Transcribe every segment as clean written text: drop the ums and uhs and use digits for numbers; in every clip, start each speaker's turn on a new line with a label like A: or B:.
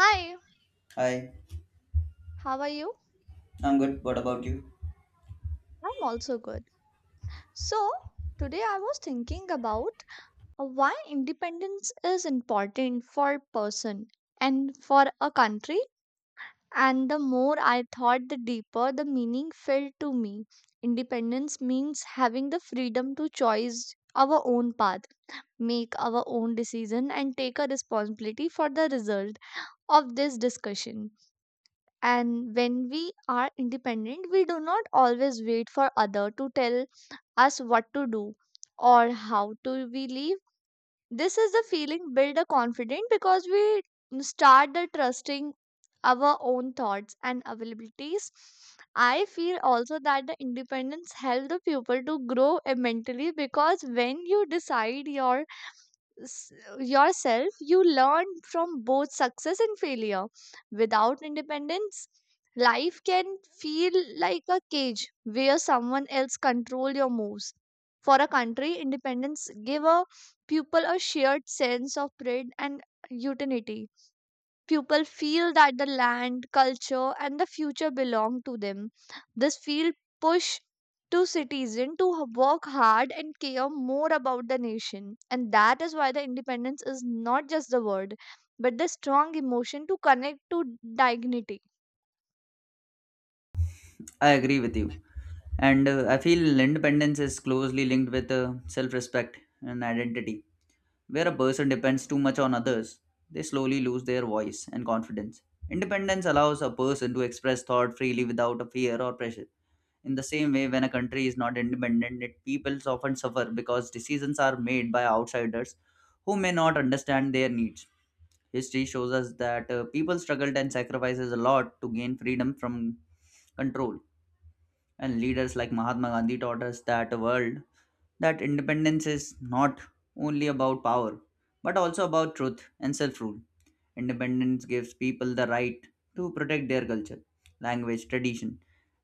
A: Hi,
B: Hi,
A: how are you?
B: I'm good. What about you?
A: I'm also good. So, today I was thinking about why independence is important for person and for a country, and the more I thought the deeper the meaning felt to me. Independence means having the freedom to choose our own path, make our own decision and take a responsibility for the result of this discussion. And when we are independent we do not always wait for other to tell us what to do or how to we live. This is the feeling build a confident because we start the trusting our own thoughts and availabilities. I feel also that the independence help the pupil to grow mentally because when you decide s- yourself, you learn from both success and failure. Without independence, life can feel like a cage where someone else control your moves. For a country, independence give a people a shared sense of pride and utility. People feel that the land, culture, and the future belong to them. This field push to citizens to work hard and care more about the nation. And that is why the independence is not just the word, but the strong emotion to connect to dignity.
B: I agree with you. And I feel independence is closely linked with self respect and identity. Where a person depends too much on others, they slowly lose their voice and confidence. Independence allows a person to express thought freely without a fear or pressure. In the same way, when a country is not independent, its peoples often suffer because decisions are made by outsiders who may not understand their needs. History shows us that people struggled and sacrifices a lot to gain freedom from control, and leaders like Mahatma Gandhi taught us that a world that independence is not only about power but also about truth and self-rule. Independence gives people the right to protect their culture, language, tradition.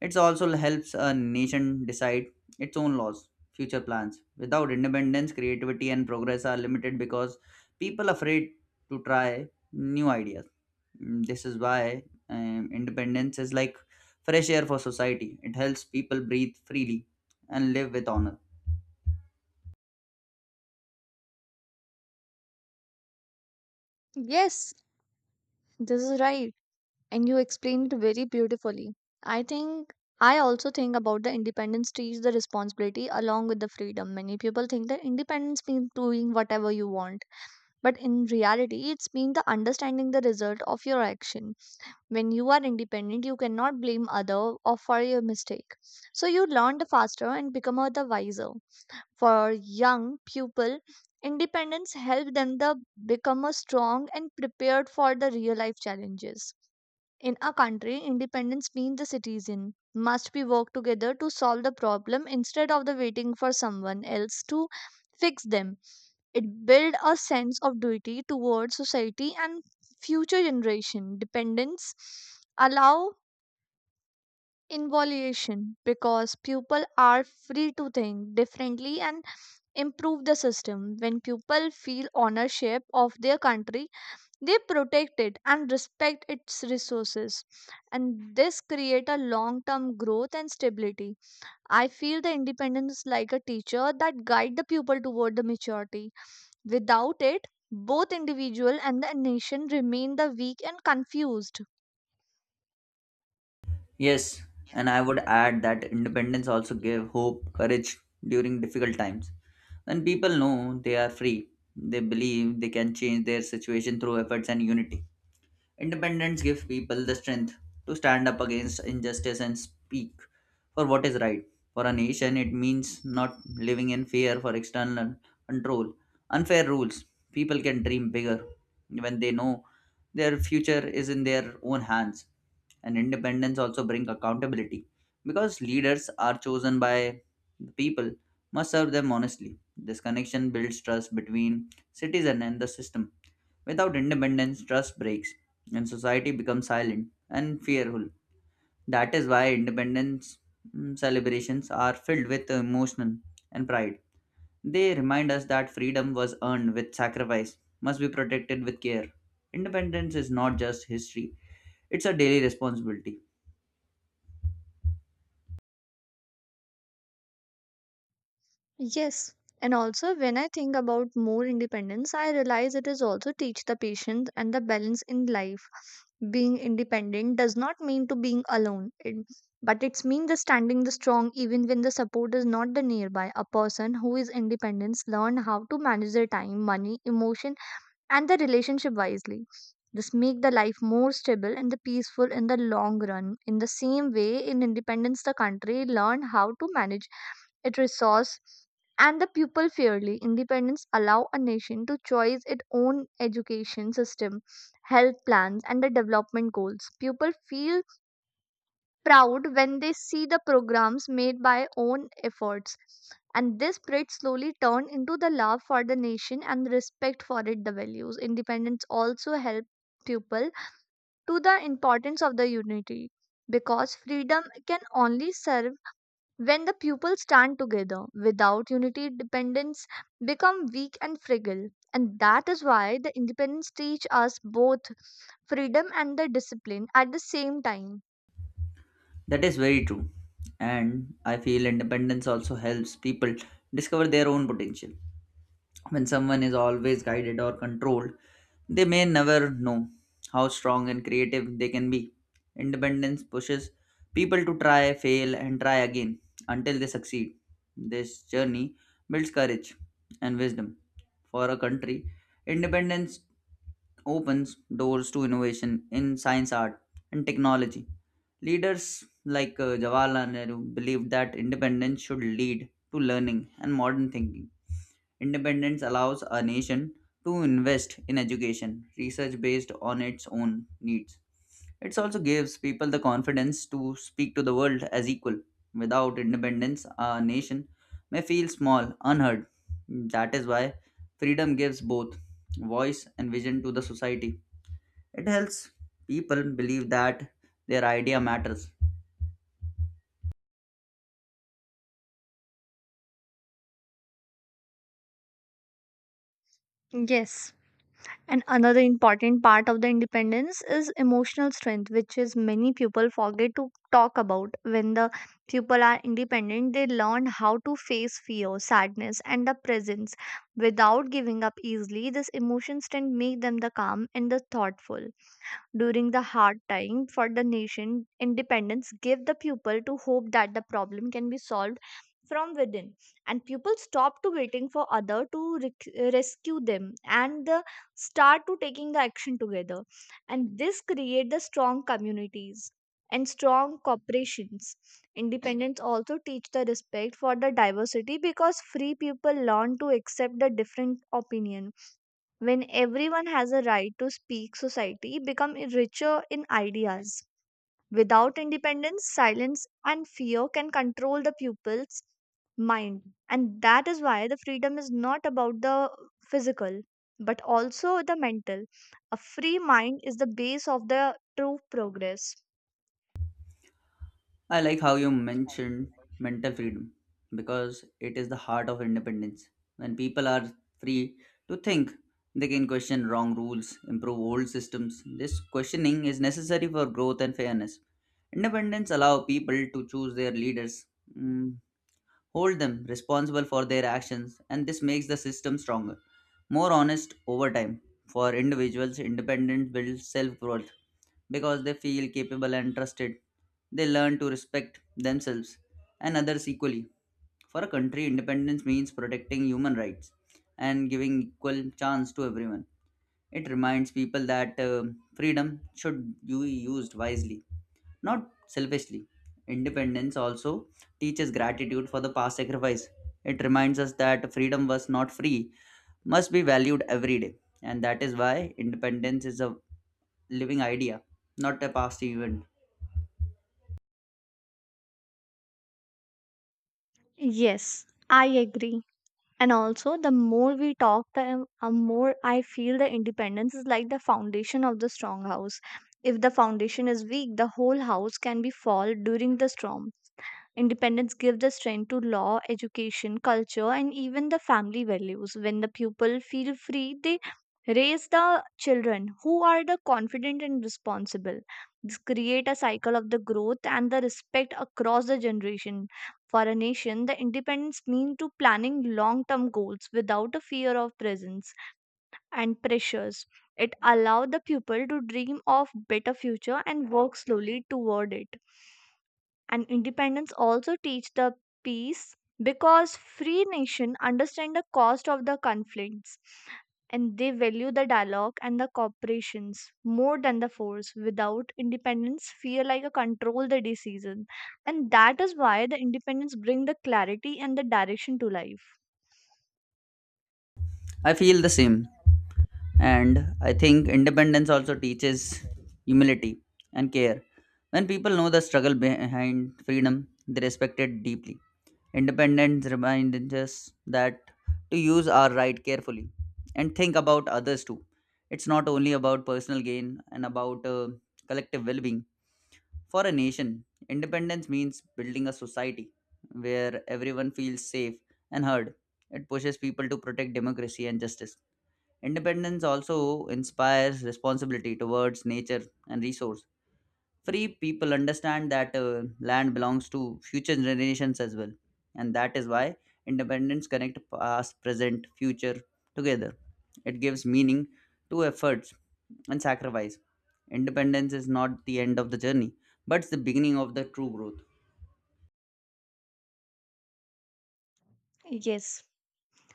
B: It also helps a nation decide its own laws, future plans. Without independence, creativity and progress are limited because people are afraid to try new ideas. This is why independence is like fresh air for society. It helps people breathe freely and live with honor.
A: Yes, this is right. And you explained it very beautifully. I think I also think about the independence teach the responsibility along with the freedom. Many people think that independence means doing whatever you want. But in reality, it's been the understanding the result of your action. When you are independent, you cannot blame other or for your mistake. So you learn the faster and become a the wiser. For young people, independence help them the become a strong and prepared for the real life challenges. In a country, independence means the citizen must be work together to solve the problem instead of the waiting for someone else to fix them. It built a sense of duty towards society and future generation. Dependence allow involution because people are free to think differently and improve the system. When people feel ownership of their country, they protect it and respect its resources. And this create a long-term growth and stability. I feel the independence is like a teacher that guide the pupil toward the maturity. Without it, both individual and the nation remain the weak and confused.
B: Yes, and I would add that independence also gave hope, courage during difficult times. When people know they are free, they believe they can change their situation through efforts and unity. Independence gives people the strength to stand up against injustice and speak for what is right. For a nation, it means not living in fear for external control, unfair rules. People can dream bigger when they know their future is in their own hands. And independence also brings accountability because leaders are chosen by the people must serve them honestly. This connection builds trust between citizen and the system. Without independence, trust breaks, and society becomes silent and fearful. That is why independence celebrations are filled with emotion and pride. They remind us that freedom was earned with sacrifice, must be protected with care. Independence is not just history, it's a daily responsibility.
A: Yes. And also, when I think about more independence, I realize it is also teach the patience and the balance in life. Being independent does not mean to being alone, but it's mean the standing the strong even when the support is not the nearby. A person who is independent learn how to manage their time, money, emotion, and the relationship wisely. This make the life more stable and the peaceful in the long run. In the same way, in independence, the country learned how to manage its resource and the pupil fairly. Independence allow a nation to choose its own education system, health plans, and the development goals. Pupil feel proud when they see the programs made by own efforts. And this pride slowly turned into the love for the nation and respect for it, the values. Independence also helped people to the importance of the unity because freedom can only serve when the people stand together. Without unity, dependence become weak and fragile. And that is why the independence teach us both freedom and the discipline at the same time.
B: That is very true. And I feel independence also helps people discover their own potential. When someone is always guided or controlled, they may never know how strong and creative they can be. Independence pushes people to try, fail, and try again until they succeed. This journey builds courage and wisdom. For a country, independence opens doors to innovation in science, art, and technology. Leaders like Jawaharlal Nehru believed that independence should lead to learning and modern thinking. Independence allows a nation to invest in education, research based on its own needs. It also gives people the confidence to speak to the world as equal. Without independence, a nation may feel small, unheard. That is why freedom gives both voice and vision to the society. It helps people believe that their idea matters.
A: Yes. And another important part of the independence is emotional strength, which is many people forget to talk about. When the people are independent, they learn how to face fear, sadness, and the presence without giving up easily. This emotion strength make them the calm and the thoughtful during the hard time for the nation. Independence gave the people to hope that the problem can be solved from within, and people stop to waiting for other to rescue them and the start to taking the action together. And this create the strong communities and strong corporations. Independence also teach the respect for the diversity because free people learn to accept the different opinion. When everyone has a right to speak, society becomes richer in ideas. Without independence, silence and fear can control the pupil's mind. And that is why the freedom is not about the physical, but also the mental. A free mind is the base of the true progress.
B: I like how you mentioned mental freedom because it is the heart of independence. When people are free to think, they can question wrong rules, improve old systems. This questioning is necessary for growth and fairness. Independence allow people to choose their leaders, mm, hold them responsible for their actions, and this makes the system stronger, more honest over time. For individuals, independence builds self worth because they feel capable and trusted. They learn to respect themselves and others equally. For a country, independence means protecting human rights and giving equal chance to everyone. It reminds people that freedom should be used wisely, not selfishly. Independence also teaches gratitude for the past sacrifice. It reminds us that freedom was not free, must be valued every day. And that is why independence is a living idea, not a past event.
A: Yes, I agree. And also, the more we talk, the more I feel the independence is like the foundation of the strong house. If the foundation is weak, the whole house can be fall during the storm. Independence gives the strength to law, education, culture, and even the family values. When the pupil feel free, they raise the children who are the confident and responsible. This create a cycle of the growth and the respect across the generation. For a nation, the independence mean to planning long-term goals without a fear of presence and pressures. It allow the pupil to dream of better future and work slowly toward it. And independence also teach the peace because free nation understand the cost of the conflicts, and they value the dialogue and the cooperations more than the force. Without independence fear like a control the decision. And that is why the independence bring the clarity and the direction to life.
B: I feel the same. And I think independence also teaches humility and care. When people know the struggle behind freedom, they respect it deeply. Independence reminds us that to use our right carefully and think about others too. It's not only about personal gain and about collective well being. For a nation, independence means building a society where everyone feels safe and heard. It pushes people to protect democracy and justice. Independence also inspires responsibility towards nature and resource. Free people understand that land belongs to future generations as well, and that is why independence connect past, present, future together. It gives meaning to efforts and sacrifice. Independence is not the end of the journey, but it's the beginning of the true growth.
A: Yes.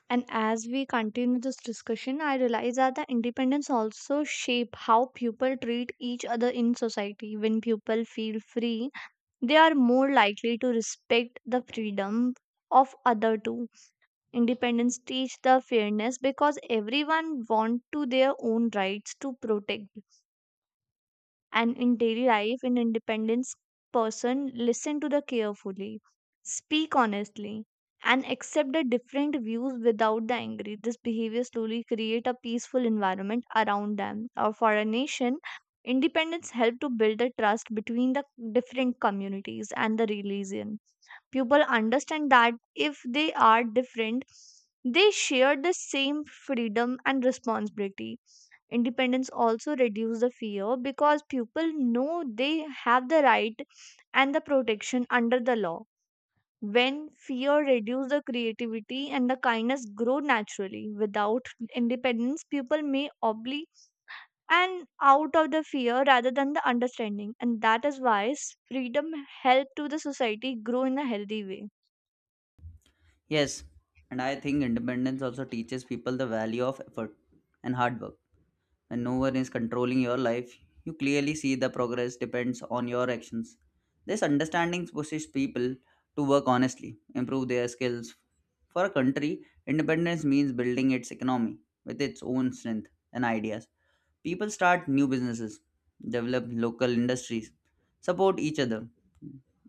A: And as we continue this discussion, I realize that the independence also shape how people treat each other in society. When people feel free, they are more likely to respect the freedom of other too. Independence teach the fairness because everyone want to their own rights to protect. And in daily life in independence person listen to the carefully, speak honestly, and accept the different views without the angry. This behavior slowly create a peaceful environment around them. Or for a nation, independence help to build the trust between the different communities and the religion. People understand that if they are different they share the same freedom and responsibility. Independence also reduces the fear because people know they have the right and the protection under the law. When fear reduces, the creativity and the kindness grow naturally. Without independence people may obli and out of the fear rather than the understanding. And that is why freedom help to the society grow in a healthy way.
B: Yes, and I think independence also teaches people the value of effort and hard work. When no one is controlling your life, you clearly see the progress depends on your actions. This understanding pushes people to work honestly, improve their skills. For a country, independence means building its economy with its own strength and ideas. People start new businesses, develop local industries, support each other.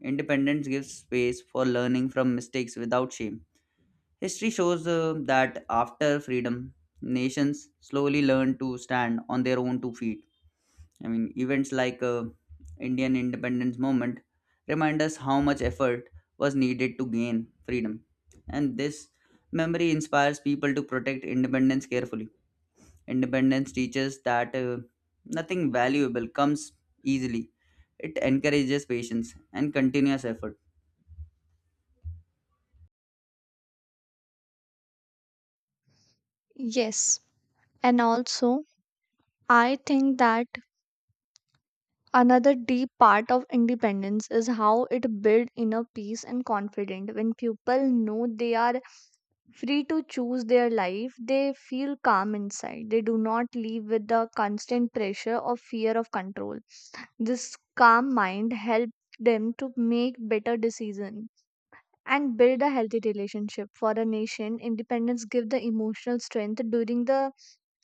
B: Independence gives space for learning from mistakes without shame. History shows that after freedom, nations slowly learned to stand on their own two feet. I mean, events like Indian independence movement remind us how much effort was needed to gain freedom. And this memory inspires people to protect independence carefully. Independence teaches that nothing valuable comes easily. It encourages patience and continuous effort.
A: Yes, and also I think that another deep part of independence is how it builds inner peace and confidence. When people know they are free to choose their life, they feel calm inside. They do not live with the constant pressure or fear of control. This calm mind helps them to make better decisions and build a healthy relationship. For a nation independence gives the emotional strength during the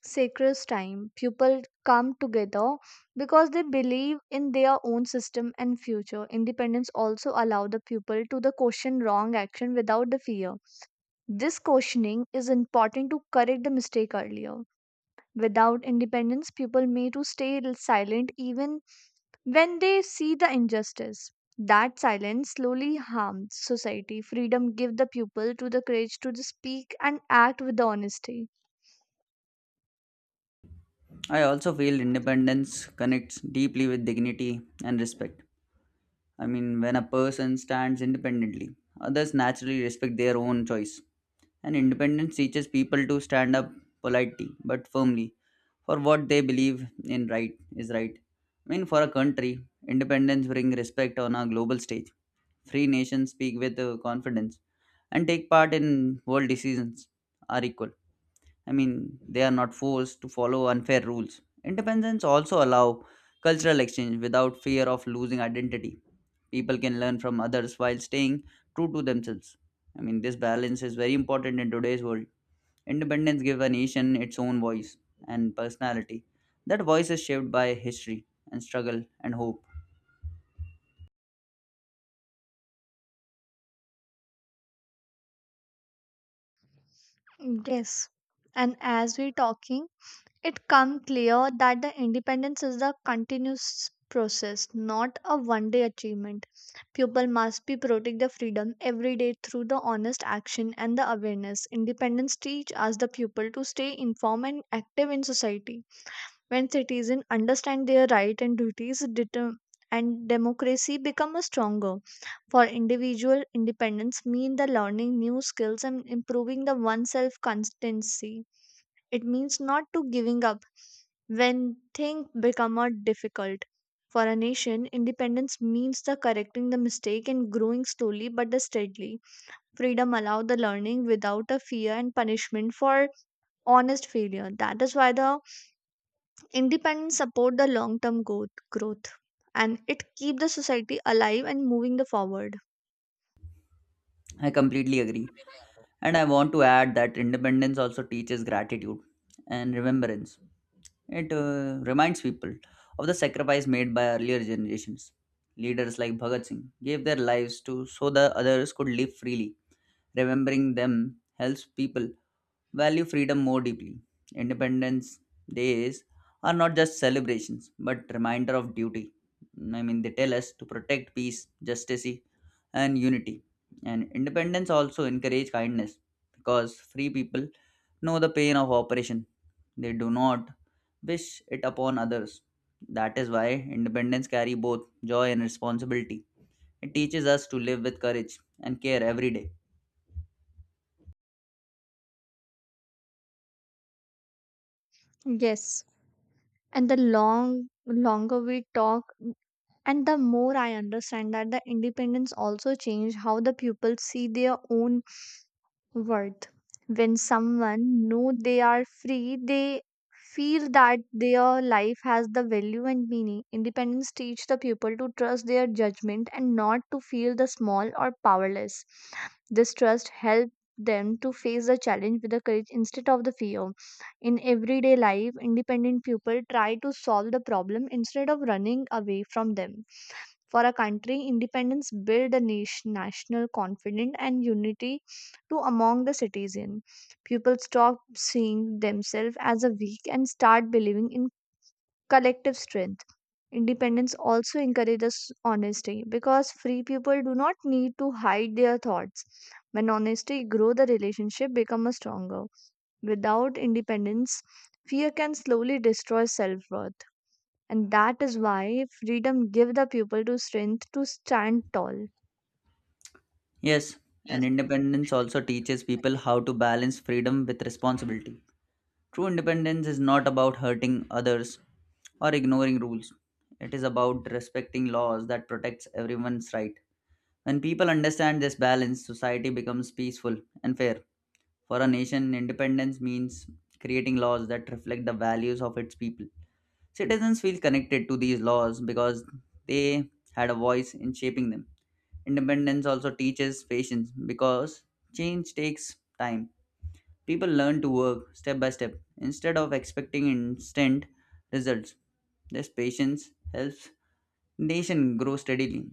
A: sacred time. People come together because they believe in their own system and future. Independence also allow the people to the question wrong action without the fear. This questioning is important to correct the mistake earlier. Without independence people may to stay silent even when they see the injustice. That silence slowly harms society. Freedom give the people to the courage to the speak and act with the honesty.
B: I also feel independence connects deeply with dignity and respect. I mean, when a person stands independently, others naturally respect their own choice. And independence teaches people to stand up politely but firmly for what they believe in right is right. I mean, for a country, independence brings respect on a global stage. Free nations speak with confidence and take part in world decisions are equal. I mean, they are not forced to follow unfair rules. Independence also allow cultural exchange without fear of losing identity. People can learn from others while staying true to themselves. I mean, this balance is very important in today's world. Independence gives a nation its own voice and personality. That voice is shaped by history and struggle and hope.
A: Yes. And as we're talking, it comes clear that the independence is a continuous process, not a one day achievement. People must be protect the freedom every day through the honest action and the awareness. Independence teach us the people to stay informed and active in society. When citizens understand their right and duties, and democracy become a stronger. For individual independence mean the learning new skills and improving the oneself constancy. It means not to giving up when things become more difficult. For a nation, independence means the correcting the mistake and growing slowly but the steadily. Freedom allow the learning without a fear and punishment for honest failure. That is why the independence support the long term growth, and it keep the society alive and moving the forward.
B: I completely agree, and I want to add that independence also teaches gratitude and remembrance. It reminds people of the sacrifice made by earlier generations. Leaders like Bhagat Singh gave their lives to so the others could live freely. Remembering them helps people value freedom more deeply. Independence days are not just celebrations, but reminder of duty. I mean, they tell us to protect peace, justice, and unity. And independence also encourage kindness because free people know the pain of oppression. They do not wish it upon others. That is why independence carry both joy and responsibility. It teaches us to live with courage and care every day.
A: Yes. And the longer we talk and the more I understand that the independence also changed how the pupils see their own worth. When someone know they are free, they feel that their life has the value and meaning. Independence teach the people to trust their judgment and not to feel the small or powerless. This trust help them to face the challenge with the courage instead of the fear. In everyday life, independent people try to solve the problem instead of running away from them. For a country, independence build national confidence and unity to among the citizen. People stop seeing themselves as a weak and start believing in collective strength. Independence also encourages honesty because free people do not need to hide their thoughts. When honesty grows, the relationship becomes stronger. Without independence, fear can slowly destroy self-worth. And that is why freedom gives the people to strength to stand tall.
B: Yes, and independence also teaches people how to balance freedom with responsibility. True independence is not about hurting others or ignoring rules. It is about respecting laws that protects everyone's right. When people understand this balance, society becomes peaceful and fair. For a nation, independence means creating laws that reflect the values of its people. Citizens feel connected to these laws because they had a voice in shaping them. Independence also teaches patience because change takes time. People learn to work step by step instead of expecting instant results. This patience helps nation grow steadily.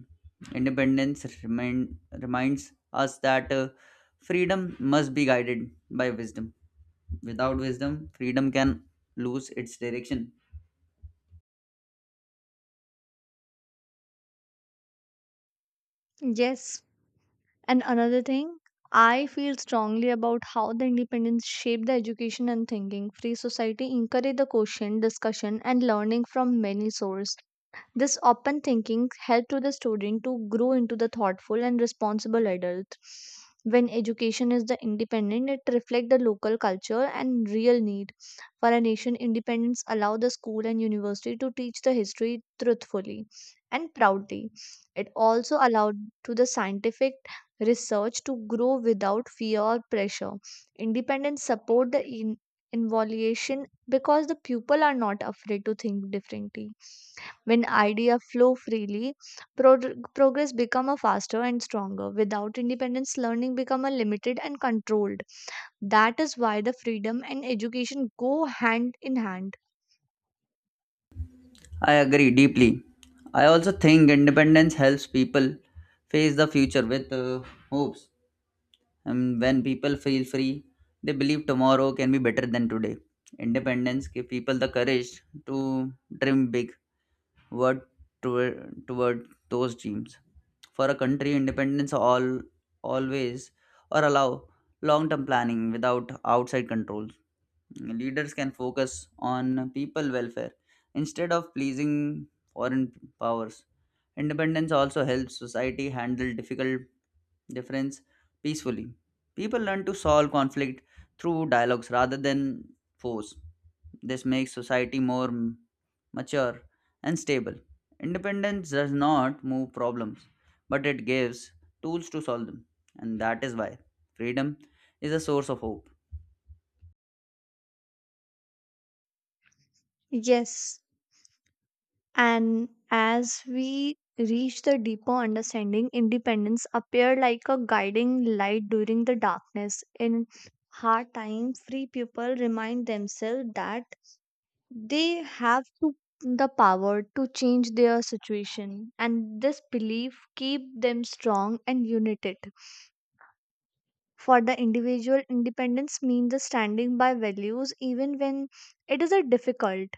B: Independence reminds us that freedom must be guided by wisdom. Without wisdom, freedom can lose its direction.
A: Yes. And another thing, I feel strongly about how the independence shaped the education and thinking. Free society encouraged the question, discussion, and learning from many sources. This open thinking helped to the student to grow into the thoughtful and responsible adult. When education is the independent, it reflects the local culture and real need for a nation. Independence allow the school and university to teach the history truthfully and proudly. It also allowed to the scientific research to grow without fear or pressure. Independence support the involution because the people are not afraid to think differently. When ideas flow freely, progress become a faster and stronger. Without independence, learning become a limited and controlled. That is why the freedom and education go hand in hand.
B: I agree deeply. I also think independence helps people face the future with hopes. And when people feel free, they believe tomorrow can be better than today. Independence gives people the courage to dream big, work toward those dreams. For a country, independence all always or allow long-term planning without outside controls. Leaders can focus on people welfare instead of pleasing foreign powers. Independence also helps society handle difficult difference peacefully. People learn to solve conflict through dialogues rather than force. This makes society more mature and stable. Independence does not move problems, but it gives tools to solve them, and that is why freedom is a source of hope.
A: Yes, and as we reach the deeper understanding, independence appear like a guiding light during the darkness. In hard time, free people remind themselves that they have to the power to change their situation, and this belief keep them strong and united. For the individual, independence means the standing by values even when it is a difficult,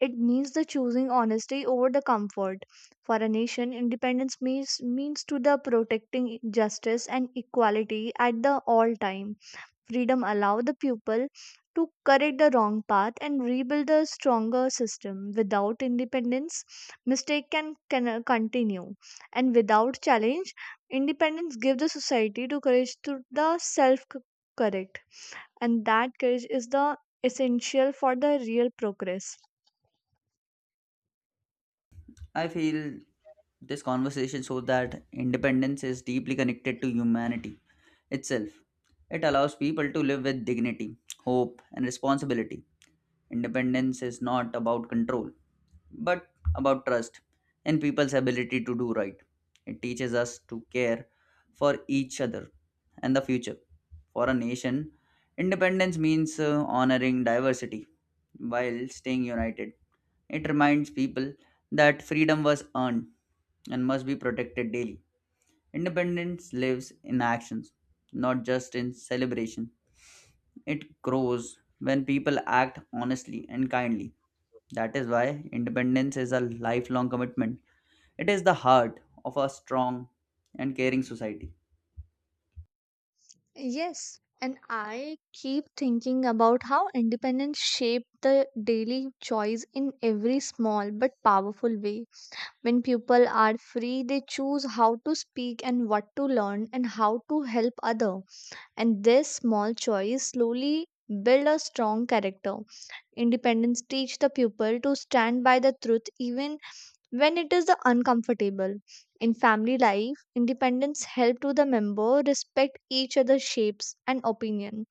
A: it means the choosing honesty over the comfort. For a nation, independence means to the protecting justice and equality at the all time. Freedom allows the pupil to correct the wrong path and rebuild a stronger system. Without independence, mistake can continue. And without challenge, independence gives the society to courage to the self correct. And that courage is the essential for the real progress.
B: I feel this conversation shows that independence is deeply connected to humanity itself. It allows people to live with dignity, hope, and responsibility. Independence is not about control, but about trust and people's ability to do right. It teaches us to care for each other and the future. For a nation, independence means honoring diversity while staying united. It reminds people that freedom was earned and must be protected daily. Independence lives in actions, not just in celebration. It grows when people act honestly and kindly. That is why independence is a lifelong commitment. It is the heart of a strong and caring society.
A: Yes, and I keep thinking about how independence shape the daily choice in every small but powerful way. When people are free, they choose how to speak and what to learn and how to help other. And this small choice slowly build a strong character. Independence teach the pupil to stand by the truth even when it is the uncomfortable. In family life, independence help to the member respect each other's shapes and opinion,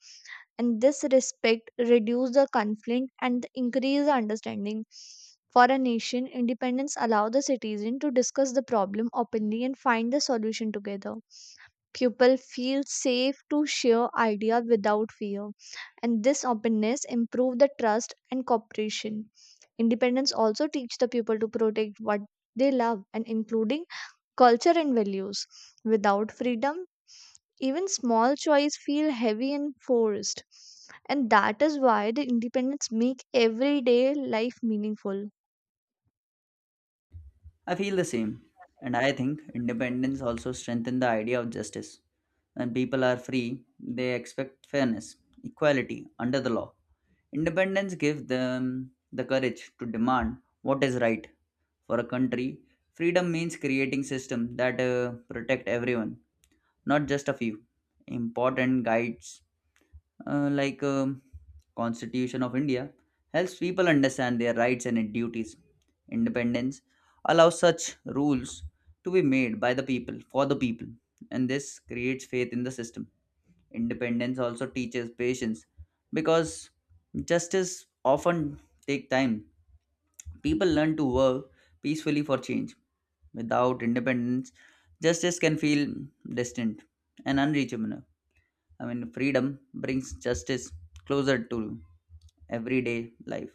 A: and this respect reduce the conflict and increase the understanding. For a nation, independence allow the citizen to discuss the problem openly and find the solution together. People feel safe to share ideas without fear, and this openness improve the trust and cooperation. Independence also teach the people to protect what they love and including culture and values. Without freedom, even small choice feel heavy and forced. And that is why the independence make everyday life meaningful.
B: I feel the same, and I think independence also strengthens the idea of justice. When people are free, they expect fairness, equality under the law. Independence gives them the courage to demand what is right for a country. Freedom means creating systems that protect everyone, not just a few important guides, like constitution of India helps people understand their rights and duties. Independence allows such rules to be made by the people for the people, and this creates faith in the system. Independence also teaches patience because justice often take time. People learn to work peacefully for change. Without independence, justice can feel distant and unreachable. I mean, freedom brings justice closer to everyday life.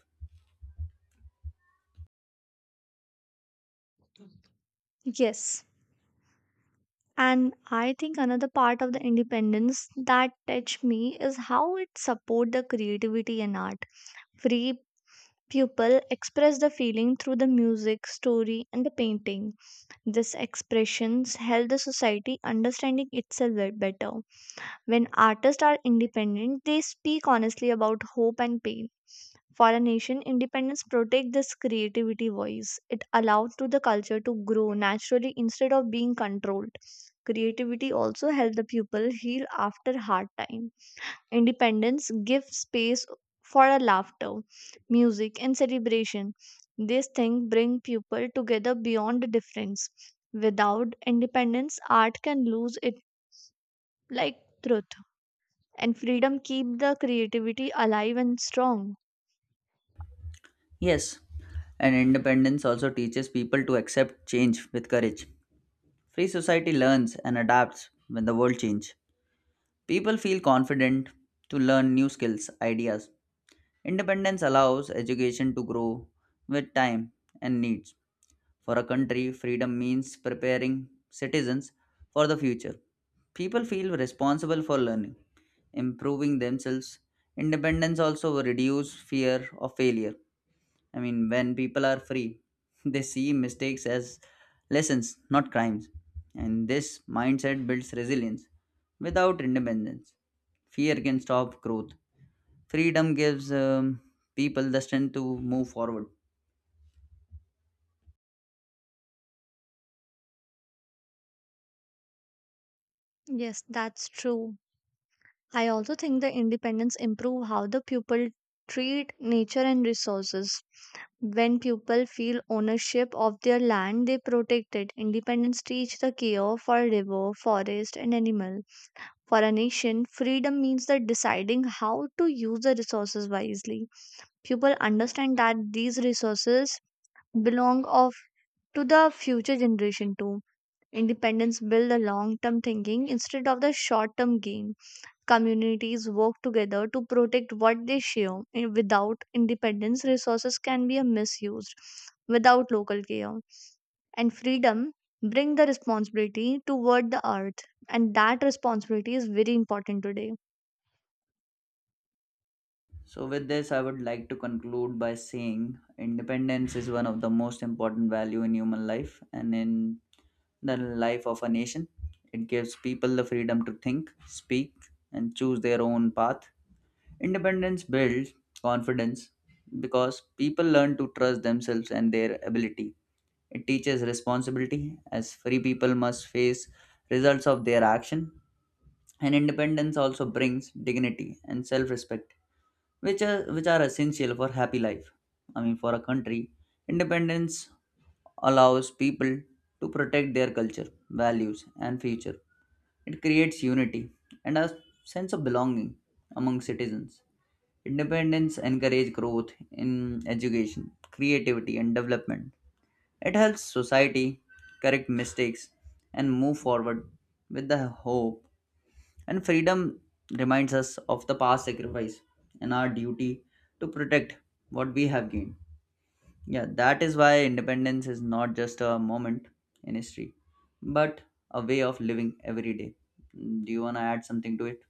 A: Yes. And I think another part of the independence that touched me is how it support the creativity and art. Free people express the feeling through the music, story, and the painting. These expressions help the society understanding itself better. When artists are independent, they speak honestly about hope and pain. For a nation, independence protects this creativity voice. It allowed to the culture to grow naturally instead of being controlled. Creativity also helps the people heal after hard time. Independence gives space for a laughter, music and celebration. These things bring people together beyond the difference. Without independence, art can lose it like truth. And freedom keep the creativity alive and strong.
B: Yes, and independence also teaches people to accept change with courage. Free society learns and adapts when the world changes. People feel confident to learn new skills, ideas. Independence allows education to grow with time and needs. For a country, freedom means preparing citizens for the future. People feel responsible for learning, improving themselves. Independence also reduce fear of failure. I mean, when people are free, they see mistakes as lessons, not crimes. And this mindset builds resilience. Without independence, fear can stop growth. Freedom gives people the strength to move forward.
A: Yes, that's true. I also think the independence improve how the pupil treat nature and resources. When people feel ownership of their land, they protect it. Independence teach the care for river, forest, and animal. For a nation, freedom means the deciding how to use the resources wisely. People understand that these resources belong of to the future generation too. Independence build the long-term thinking instead of the short-term gain. Communities work together to protect what they share. And without independence, resources can be misused without local care. And freedom bring the responsibility toward the earth. And that responsibility is very important today.
B: So, with this, I would like to conclude by saying independence is one of the most important value in human life and in the life of a nation. It gives people the freedom to think, speak, and choose their own path. Independence builds confidence because people learn to trust themselves and their ability. It teaches responsibility as free people must face results of their action. And independence also brings dignity and self-respect, which are essential for happy life. I mean, for a country, independence allows people to protect their culture, values, and future. It creates unity and a sense of belonging among citizens. Independence encourages growth in education, creativity and development. It helps society correct mistakes and move forward with the hope. And freedom reminds us of the past sacrifice and our duty to protect what we have gained. Yeah, that is why independence is not just a moment in history, but a way of living every day. Do you want to add something to it?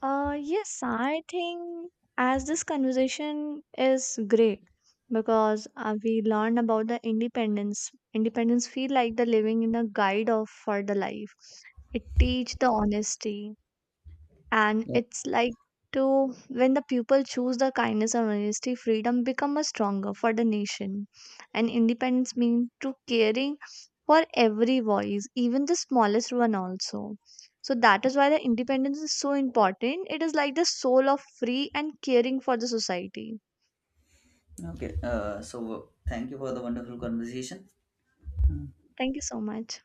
A: Yes, I think as this conversation is great because we learn about the independence. Independence feel like the living in a guide of for the life. It teach the honesty, and
B: Yeah.
A: it's like to when the people choose the kindness and honesty, freedom become a stronger for the nation. And independence mean to caring for every voice, even the smallest one also. So that is why the independence is so important. It is like the soul of free and caring for the society.
B: Okay. So, thank you for the wonderful conversation.
A: Thank you so much.